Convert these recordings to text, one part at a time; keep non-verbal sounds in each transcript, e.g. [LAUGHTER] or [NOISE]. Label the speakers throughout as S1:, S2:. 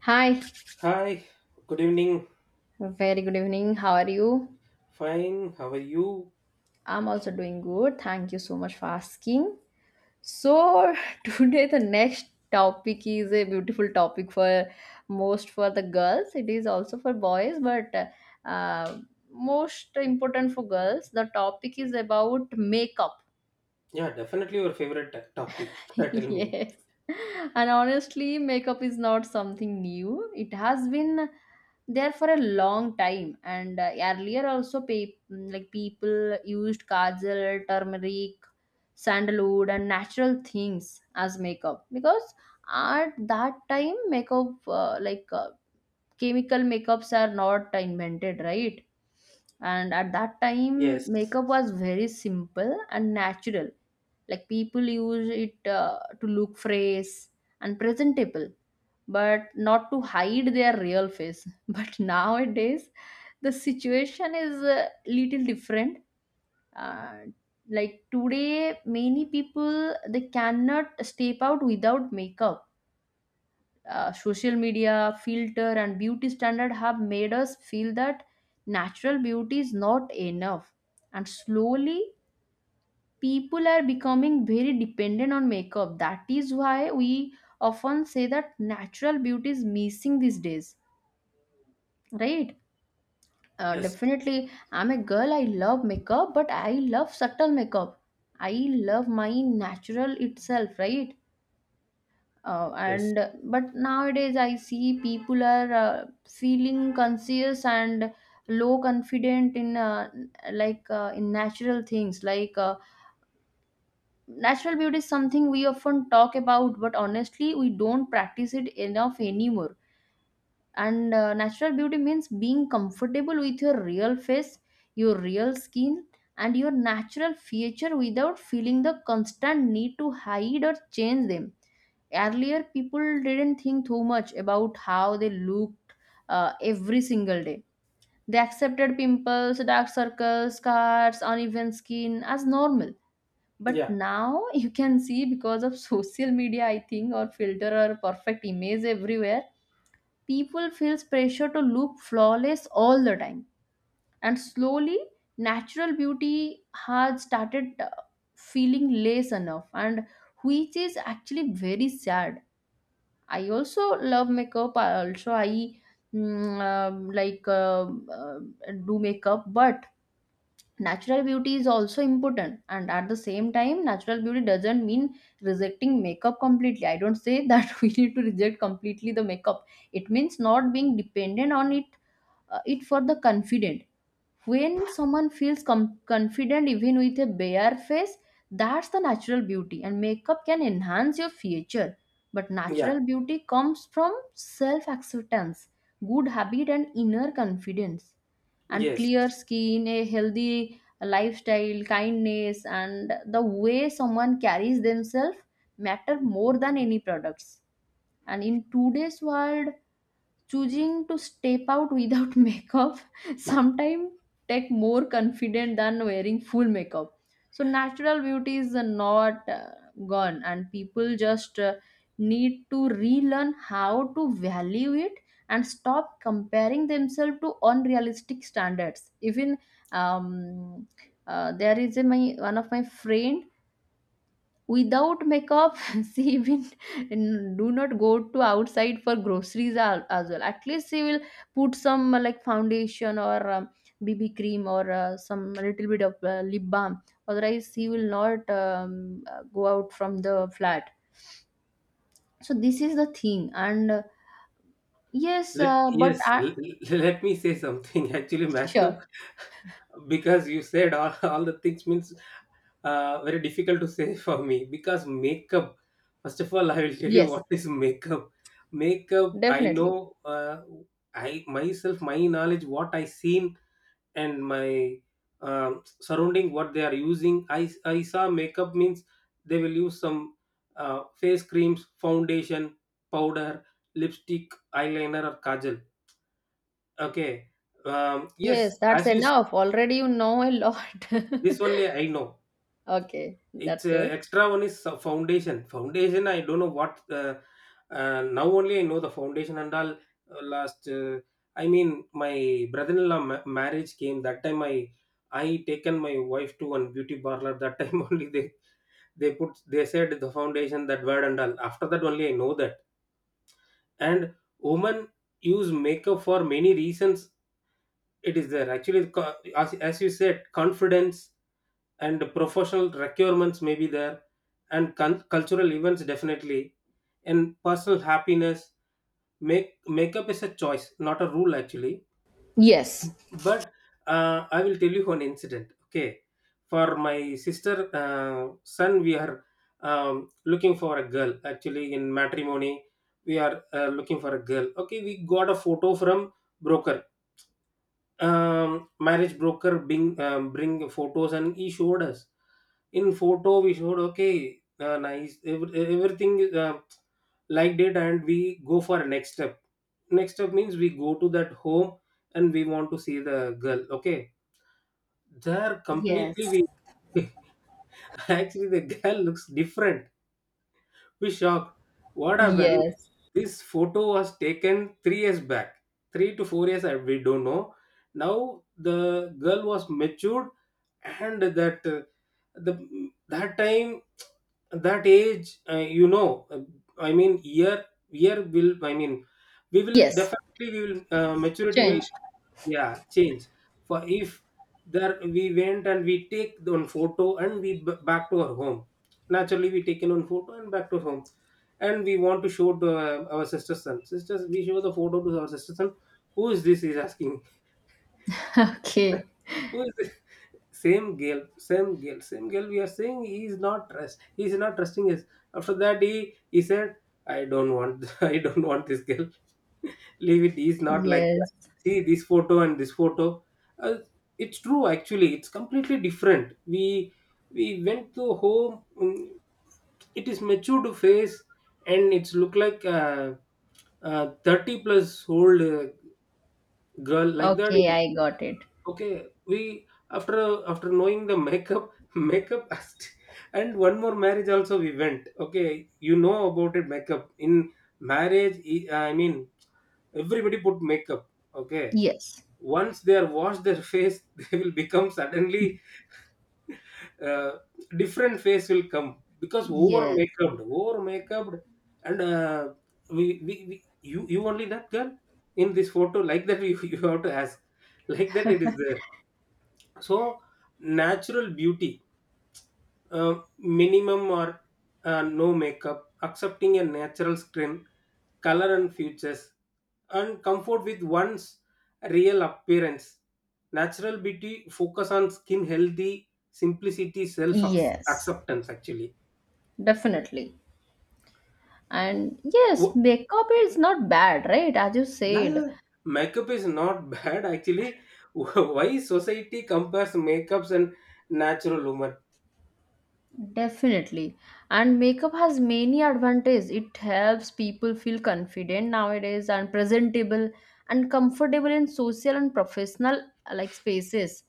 S1: Hi,
S2: Hi, good evening.
S1: very good evening. How are you?
S2: Fine, how are you?
S1: I'm also doing good. Thank you so much for asking. So, [LAUGHS] today the next topic is a beautiful topic for most for the girls. It is also for boys, but uh, most important for girls. The topic is about makeup.
S2: Yeah, definitely your favorite topic.
S1: [LAUGHS]
S2: [LAUGHS] Tell me.
S1: Yes. And honestly, makeup is not something new. It has been there for a long time. And earlier also, like people used kajal, turmeric, sandalwood and natural things as makeup because at that time makeup chemical makeups are not invented, right? And at that time
S2: Yes,
S1: makeup was very simple and natural, like people use it to look fresh and presentable, but not to hide their real face. [LAUGHS] But nowadays the situation is a little different. uh, like today many people they cannot step out without makeup. Social media filter and beauty standard have made us feel that natural beauty is not enough, and slowly people are becoming very dependent on makeup. That is why we often say that natural beauty is missing these days, right?
S2: yes,
S1: Definitely, I'm a girl, I love makeup, but I love subtle makeup. I love my natural itself, right?
S2: yes.
S1: And But nowadays, I see people are feeling conscious and low confident in in natural things like. Natural beauty is something we often talk about, but honestly we don't practice it enough anymore. And natural beauty means being comfortable with your real face, your real skin and your natural feature without feeling the constant need to hide or change them. Earlier people didn't think too much about how they looked every single day. They accepted pimples, dark circles, scars, uneven skin as normal. But
S2: Yeah,
S1: now [LAUGHS] you can see, because of social media I think, or filter, or perfect image everywhere, people feels pressure to look flawless all the time. And slowly natural beauty has started feeling less enough, and which is actually very sad. I also love makeup, I also I mm, like do makeup, but natural beauty is also important. And at the same time natural beauty doesn't mean rejecting makeup completely. I don't say that [LAUGHS] we need to reject completely the makeup. It means not being dependent on it. It for the confident. When someone feels confident even with a bare face, that's the natural beauty. And makeup can enhance your future, but
S2: yeah,
S1: natural beauty comes from self acceptance, good habit and inner confidence, and
S2: yes.
S1: clear skin, a healthy lifestyle, kindness, and the way someone carries themselves matter more than any products. And in today's world, choosing to step out without [LAUGHS] makeup sometimes take more confident than wearing full makeup. So natural beauty is not gone, and people just need to relearn how to value it and stop comparing themselves to unrealistic standards. Even um, uh, there is a my one of my friend without makeup. [LAUGHS] She even do not go to outside for groceries as well. At least she will put some like foundation or BB cream, or some little bit of lip balm. Otherwise she will not go out from the flat. So this is the thing, and yes.
S2: Let,
S1: uh, but
S2: yes,
S1: uh,
S2: l- l- [LAUGHS] let me say something. [LAUGHS] Actually, makeup,
S1: sure.
S2: because you said [LAUGHS] all the things means very difficult to say [LAUGHS] for me. Because makeup, first of all, I will tell you
S1: Yes,
S2: what is makeup. Makeup, I
S1: definitely.
S2: know, I myself, my knowledge, what I seen and my surrounding what they are using I saw makeup means they will use some face creams, foundation, powder, lipstick, eyeliner, or kajal. Okay. Yes,
S1: Yes, that's enough already, you know a lot.
S2: this only I know.
S1: [LAUGHS] Okay,
S2: It's
S1: that's good.
S2: extra one is foundation. Foundation, I don't know what. Now only I know the foundation and all. Last, I mean, my brother-in-law marriage came. That time I taken my wife to one beauty parlor. That time [LAUGHS] only they said the foundation, that word, and all. After that only I know that. And women use makeup for many reasons. It is there actually, as you said, confidence, and professional requirements may be there, and cultural events definitely, and personal happiness. Makeup is a choice, not a rule, actually.
S1: Yes.
S2: But I will tell you one incident. Okay, for my sister son, we are looking for a girl actually in matrimony. We are looking for a girl. Okay, we got a photo from broker. Marriage broker bring, bring photos, and he showed us in photo. We showed, okay, nice, everything is, liked it, and we go for next step. Next step means we go to that home, and we want to see the girl. Okay, there completely, we
S1: Yes.
S2: [LAUGHS] actually, the girl looks different. We shocked. What happened?
S1: Yes.
S2: This photo was taken 3 years back, 3 to 4 years. I We don't know. Now the girl was matured, and that the that time, that age, I mean, year will. I mean, we will
S1: Yes,
S2: definitely, we will, maturity will,
S1: change.
S2: yeah, change. For if there we went and we take one photo and we back to our home. Naturally, we taken one photo and back to home, and we want to show to our sisters son. Sisters, we show the photo to our sisters son. Who is this? He's asking. [LAUGHS]
S1: [LAUGHS] Okay.
S2: Who is it? Same girl, same girl, same girl. We are saying, he is not trust. He is not trusting us. After that, he said, "I don't want. [LAUGHS] I don't want this girl. [LAUGHS] Leave it. He is not like that.
S1: Yes.
S2: See this photo and this photo." Uh, it's true. Actually, it's completely different. We went to home. It is matured face, and it's look like a 30 plus old girl like that.
S1: Okay, I got it.
S2: Okay, we after knowing the makeup [LAUGHS] makeup artist, and one more marriage also we went. Okay, you know about it, makeup in marriage. I mean, everybody put makeup. Okay,
S1: Yes.
S2: once they are washed their face, [LAUGHS] they will become suddenly uh, different face will come because
S1: Yes.
S2: over makeup, and we you only that girl in this photo like that, you [LAUGHS] you have to ask. Like that it is there. So, natural beauty, minimum, or no makeup, accepting a natural skin, color and features, and comfort with one's real appearance. Natural beauty focus on skin healthy, simplicity, self
S1: Yes.
S2: acceptance. Actually,
S1: Definitely. And yes,
S2: Wo-
S1: makeup is not bad, right? As you
S2: yeah, yeah,
S1: said,
S2: makeup is not [LAUGHS] bad. Actually, why society compares makeups and natural woman?
S1: definitely. And makeup has many advantages. It helps people feel confident nowadays and presentable and comfortable in social and professional like spaces.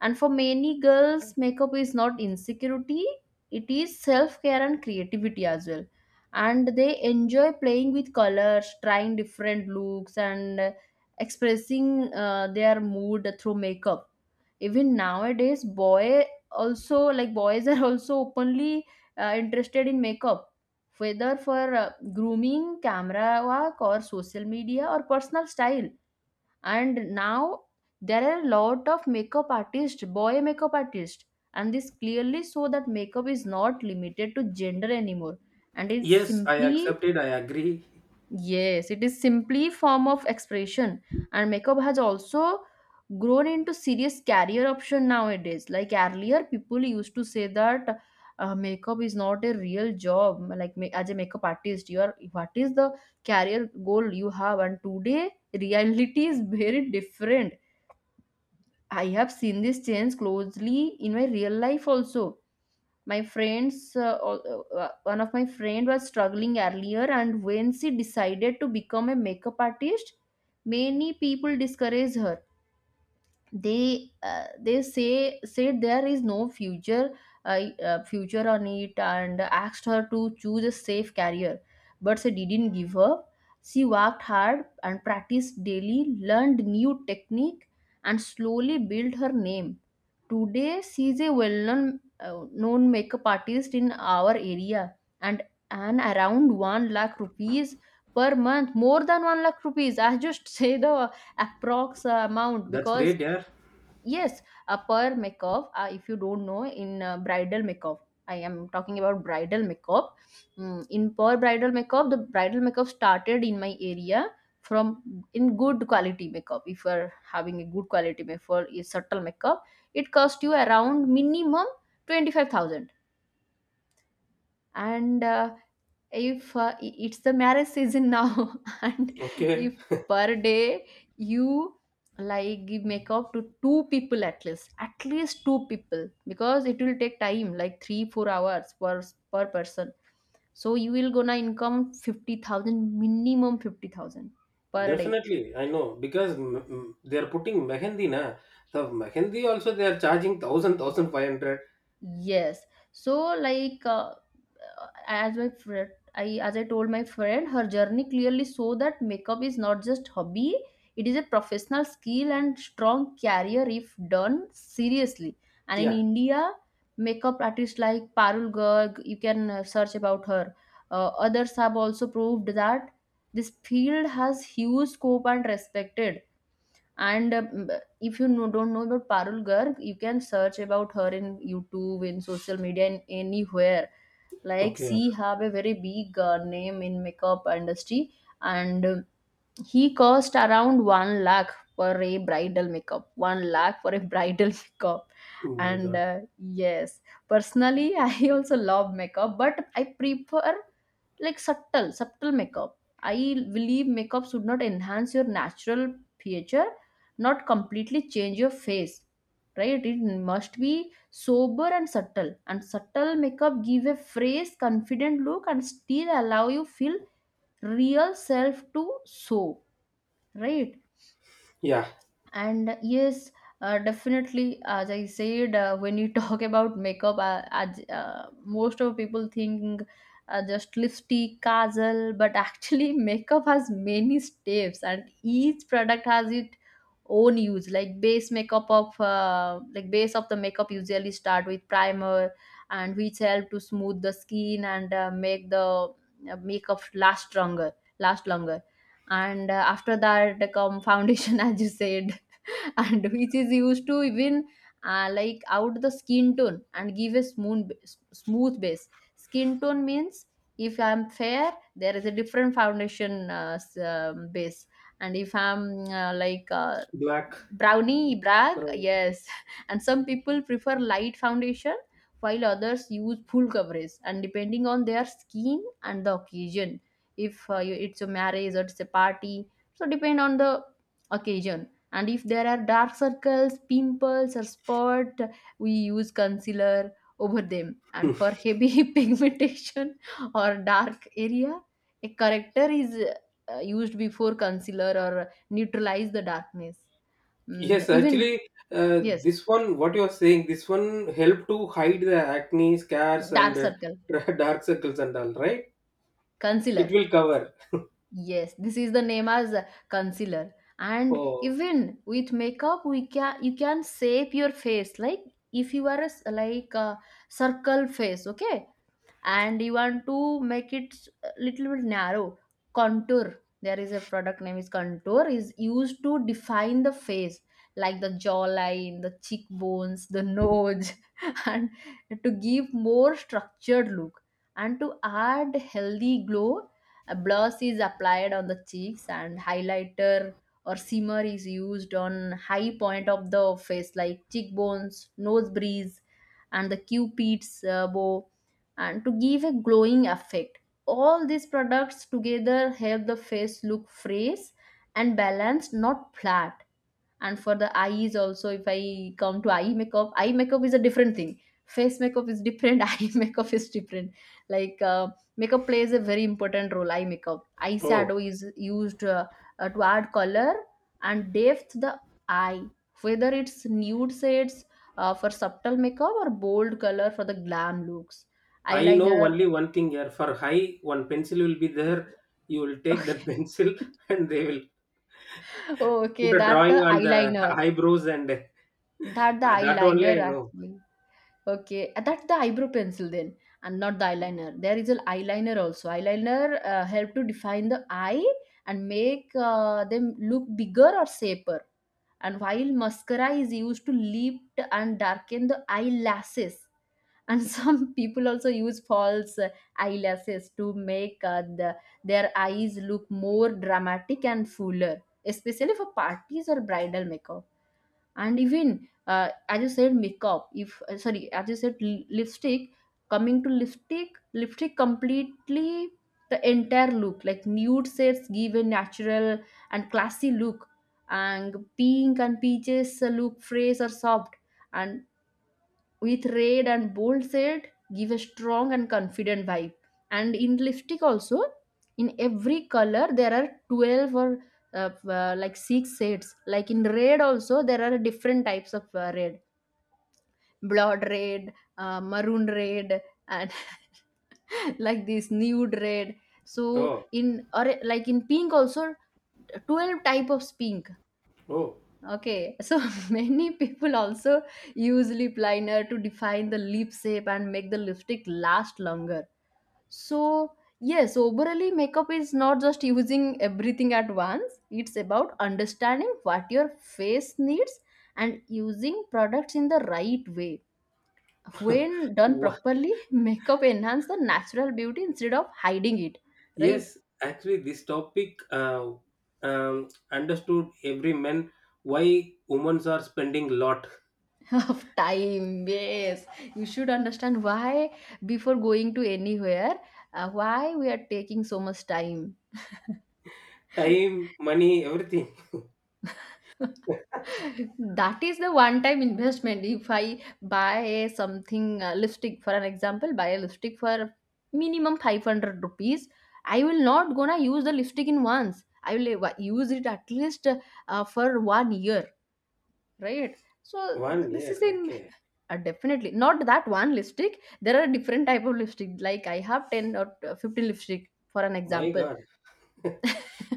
S1: And for many girls, makeup is not insecurity, it is self-care and creativity as well. And they enjoy playing with colors, trying different looks, and expressing their mood through makeup. Even nowadays boy also, like boys are also openly interested in makeup, whether for grooming, camera work or social media or personal style. And now there are a lot of makeup artists, boy makeup artists. And this clearly show that makeup is not limited to gender anymore, and it's
S2: Yes, I
S1: simply.
S2: accepted. I agree.
S1: Yes, it is simply form of expression. And makeup has also grown into serious career option nowadays. Like earlier people used to say that makeup is not a real job, like as a makeup artist you are, what is the career goal you have. And today reality is very different. I have seen this change closely in my real life also. My friends, one of my friend was struggling earlier, and when she decided to become a makeup artist, many people discouraged her. They uh, they say said there is no future future on it, and asked her to choose a safe career. But she didn't give up. She worked hard and practiced daily, learned new technique, and slowly built her name. Today she is a well-known known makeup artist in our area. and and around 1 lakh rupees per month, more than 1 lakh rupees. I just [LAUGHS] say the approx amount
S2: That's
S1: because.
S2: great, yeah.
S1: Yes, a per makeup. If you don't know, in bridal makeup, I am talking about bridal makeup. Mm, in per bridal makeup, the bridal makeup started in my area from in good quality makeup. If you are having a good quality makeup, a subtle makeup, it cost you around minimum 25,000, and if it's the marriage season now. [LAUGHS] And
S2: Okay,
S1: if per day you like give makeup to two people, at least, at least two people, because it will take time like 3 4 hours per per person. So you will gonna income 50,000, minimum 50,000 per day.
S2: definitely. I know because they are putting mehendi na. The mehendi also they are charging thousand five hundred.
S1: Yes. So like as my friend, I as I told my friend her journey clearly show that makeup is not just hobby, it is a professional skill and strong career if done seriously. And in
S2: Yeah.
S1: India makeup artists like Parul Garg, you can search about her. Uh, others have also proved that this field has huge scope and respected. And if you know, don't know about Parul Garg, you can search about her in YouTube, in social media, in anywhere. Like
S2: Okay.
S1: she have a very big name in makeup industry, and he cost around 1 lakh for a bridal makeup. 1 lakh for a bridal [LAUGHS] makeup.
S2: Oh my
S1: And
S2: God.
S1: yes, personally, [LAUGHS] I also love makeup, but I prefer like subtle makeup. I believe makeup should not enhance your natural feature, not completely change your face. Right? It must be sober and subtle. And subtle makeup give a fresh, confident look and still allow you feel real self to show, right?
S2: Yeah.
S1: And yes, definitely, as I said, when you talk [LAUGHS] about makeup, as most of people think just lipstick kajal, but actually [LAUGHS] makeup has many steps and each product has its own use, like base makeup of like base of the makeup usually start with primer, and which help to smooth the skin and make the makeup last longer. And After that come foundation, [LAUGHS] as you said, [LAUGHS] and which is used to even like out the skin tone and give a smooth base. Skin tone means if I'm fair there is a different foundation base, and if I'm uh, like uh,
S2: Black.
S1: brownie black,
S2: Brown.
S1: yes, [LAUGHS] and some people prefer light foundation while others use full coverage, and depending on their skin and the occasion. If it's a marriage or it's a party, so depend on the occasion. And if there are dark circles, pimples or spot, we use concealer over them. And for heavy [LAUGHS] pigmentation or dark area, a corrector is used before concealer or neutralize the darkness. Mm,
S2: Yes,
S1: even.
S2: actually, uh,
S1: Yes.
S2: this one. What you are saying, this one help to hide the acne, scars,
S1: Dark
S2: and
S1: circle.
S2: [LAUGHS] dark circles and all. Right? It
S1: Concealer.
S2: will cover.
S1: Yes, this is the name as concealer. And
S2: Oh,
S1: even with makeup we can, you can shape your face. Like if you are a s like a circle face, okay, and you want to make it little bit narrow, contour, there is a product name is contour, is used to define the face, like the jawline, the cheekbones, the nose, [LAUGHS] and to give more structured look. And to add healthy glow, a blush is applied on the cheeks, and highlighter or simmer is used on high point of the face like cheekbones, nose breeze and the cupid's bow, and to give a glowing effect. All these products together help the face look fresh and balanced, not flat. And for the eyes also, if I come to eye makeup, eye makeup is a different thing. Face makeup is different, [LAUGHS] eye makeup is different. Like, makeup plays a very important role. Eye makeup,
S2: oh.
S1: eyeshadow is used, to add color and depth to the eye, whether it's nude shades, for subtle makeup or bold color for the glam looks.
S2: I know
S1: Eyeliner.
S2: only one thing here. For high, one pencil will be there. You will
S1: [LAUGHS]
S2: take
S1: Okay.
S2: that [LAUGHS] pencil, and they will
S1: Oh, okay,
S2: put a
S1: that the
S2: drawing on the [LAUGHS]
S1: eyeliner.
S2: eyebrows, and
S1: That the
S2: that only
S1: eyeliner
S2: I know.
S1: actually. Okay, that's the eyebrow pencil then, and not the eyeliner. There is an eyeliner also. Eyeliner help to define the eye and make them look bigger or shaper. And while mascara is used to lift and darken the eyelashes, and [LAUGHS] some people also use false eyelashes to make their eyes look more dramatic and fuller, especially for parties or bridal makeup. And even, as you said makeup if sorry, as you said, lipstick. Coming to lipstick, lipstick completely the entire look. Like nude sets give a natural and classy look, and pink and peaches look fresh or soft, and with red and bold shade give a strong and confident vibe. And in lipstick also, in every color there are 12 or like six shades. Like in red also there are different types of red. Blood red, maroon red, and [LAUGHS] like this nude red. So
S2: Oh,
S1: in, or like in pink also, 12 type of pink.
S2: oh.
S1: Okay, so [LAUGHS] many people also use lip liner to define the lip shape and make the lipstick last longer. So, yes, overall, makeup is not just using everything at once, it's about understanding what your face needs and using products in the right way.
S2: [LAUGHS]
S1: When done
S2: Wha-
S1: properly, [LAUGHS] makeup enhance the natural beauty instead of hiding it, right?
S2: yes, actually, this topic, understood every man why women are spending lot
S1: Of time, yes, you should understand why before going to anywhere, why we are taking so much time.
S2: time, money, everything. [LAUGHS]
S1: [LAUGHS] That is the one time investment. If I buy a something, lipstick for an example, buy a lipstick for minimum 500 rupees. I will not gonna use the lipstick in once. I will use it at least for one year, right? So
S2: One
S1: this
S2: year,
S1: is an.
S2: okay.
S1: Definitely not that one lipstick. There are different type of lipstick, like I have 10 or 15 lipstick for an
S2: My
S1: example.
S2: God.
S1: [LAUGHS] So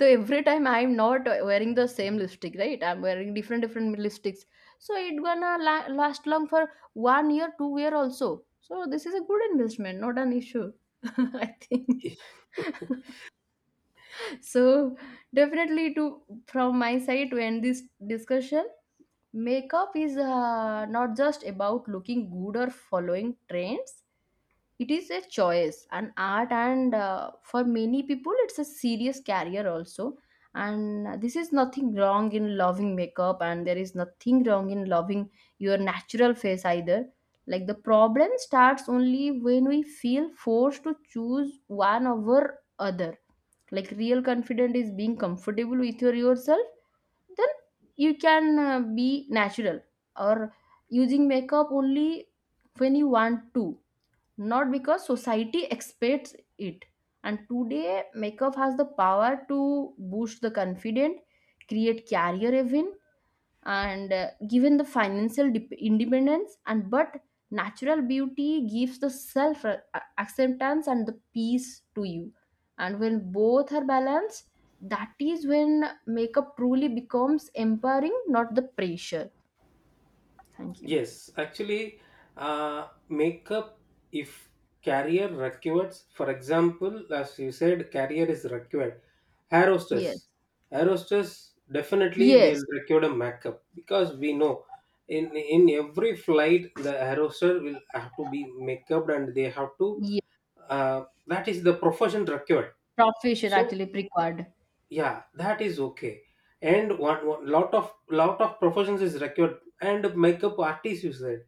S1: every time I'm not wearing the same lipstick, right? I'm wearing different different lipsticks. So it gonna last long for one year, 2 year also. So this is a good investment, not an issue. [LAUGHS] I think.
S2: [LAUGHS]
S1: So definitely to, from my side, to end this discussion, makeup is not just about looking good or following trends. It is a choice, an art, and for many people, it's a serious career also. And this is nothing wrong in loving makeup, and there is nothing wrong in loving your natural face either. Like the problem starts only when we feel forced to choose one over other. Like real confident is being comfortable with yourself. Then you can be natural, or using makeup only when you want to, not because society expects it. And today makeup has the power to boost the confident, create career even, and given the financial dep independence, and but natural beauty gives the self acceptance and the peace to you. And when both are balanced, that is when makeup truly becomes empowering, not the pressure. Thank you.
S2: Yes, actually, makeup, if career requires, for example, as you said, career is required. Hair
S1: Yes.
S2: hostess, hair hostess definitely
S1: Yes.
S2: they'll require a makeup because we know, in every flight, the hair hostess will have to be makeuped, and they have to,
S1: Yes.
S2: that is the profession required.
S1: Profession
S2: So
S1: actually required.
S2: yeah, that is okay. And one, one lot of professions is required, and makeup artists, you said,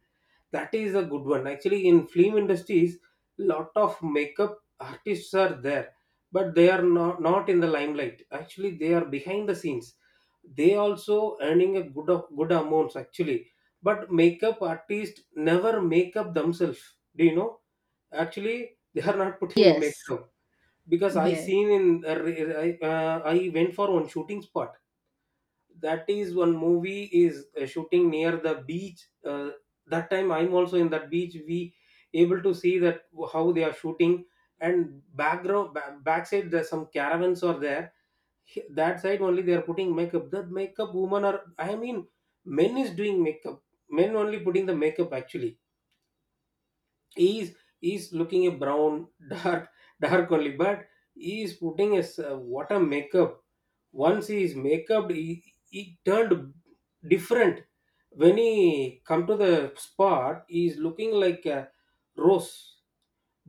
S2: that is a good one. Actually, in film industries, lot of makeup artists are there, but they are not in the limelight. Actually, they are behind the scenes. They also earning a good good amounts actually. But makeup artists never make up themselves. Do you know? Actually, they are not putting a
S1: Yes.
S2: makeup because I
S1: Yes.
S2: seen in I went for one shooting spot. That is one movie is shooting near the beach, that time I'm also in that beach. We able to see that how they are shooting, and background, backside there's some caravans are there. That side only they are putting makeup. That makeup woman are, I mean, men is doing makeup. Men only putting the makeup actually. He is looking a brown, [LAUGHS] dark dark only. But he is putting a what a makeup. Once he is make up, he turned different. When he come to the spot, he is looking like a rose.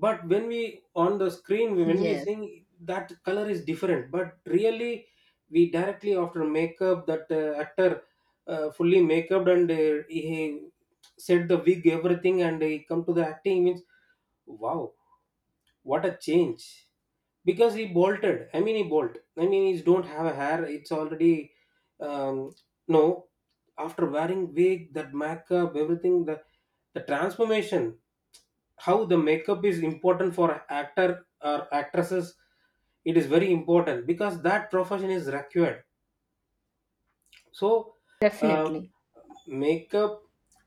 S2: But when we on the screen, when we
S1: Yes.
S2: sing, that color is different. But really, we directly after makeup, that actor fully makeup, and he set the wig, everything, and he come to the acting means, wow, what a change. Because he bolted, I mean, he bolt, I mean, he don't have a hair, it's already, um no, after wearing wig, that makeup, everything, the transformation. How the makeup is important for actor or actresses, it is very important because that profession is required. So, uh,
S1: Definitely.
S2: makeup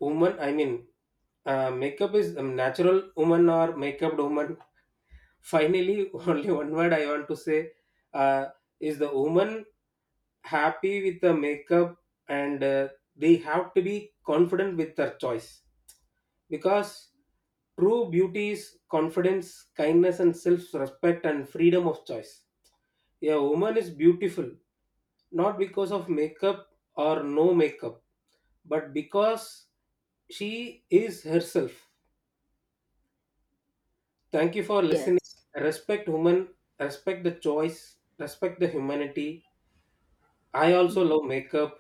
S2: woman, I mean, makeup is natural woman or makeuped woman. Finally, [LAUGHS] only one word I want to say, uh, is the woman happy with the makeup, and they have to be confident with their choice, because true beauty is confidence, kindness, and self respect and freedom of choice. A woman is beautiful not because of makeup or no makeup, but because she is herself. Thank you for listening.
S1: Yes.
S2: Respect human, respect the choice, respect the humanity. I also love makeup.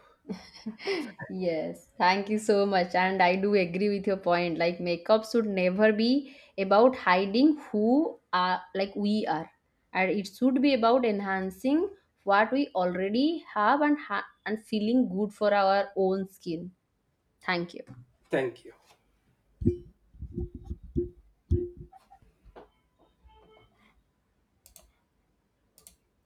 S1: Yes, thank you so much. And I do agree with your point. Like, makeup should never be about hiding who are like we are, and it should be about enhancing what we already have and and feeling good for our own skin. Thank you.
S2: Thank you.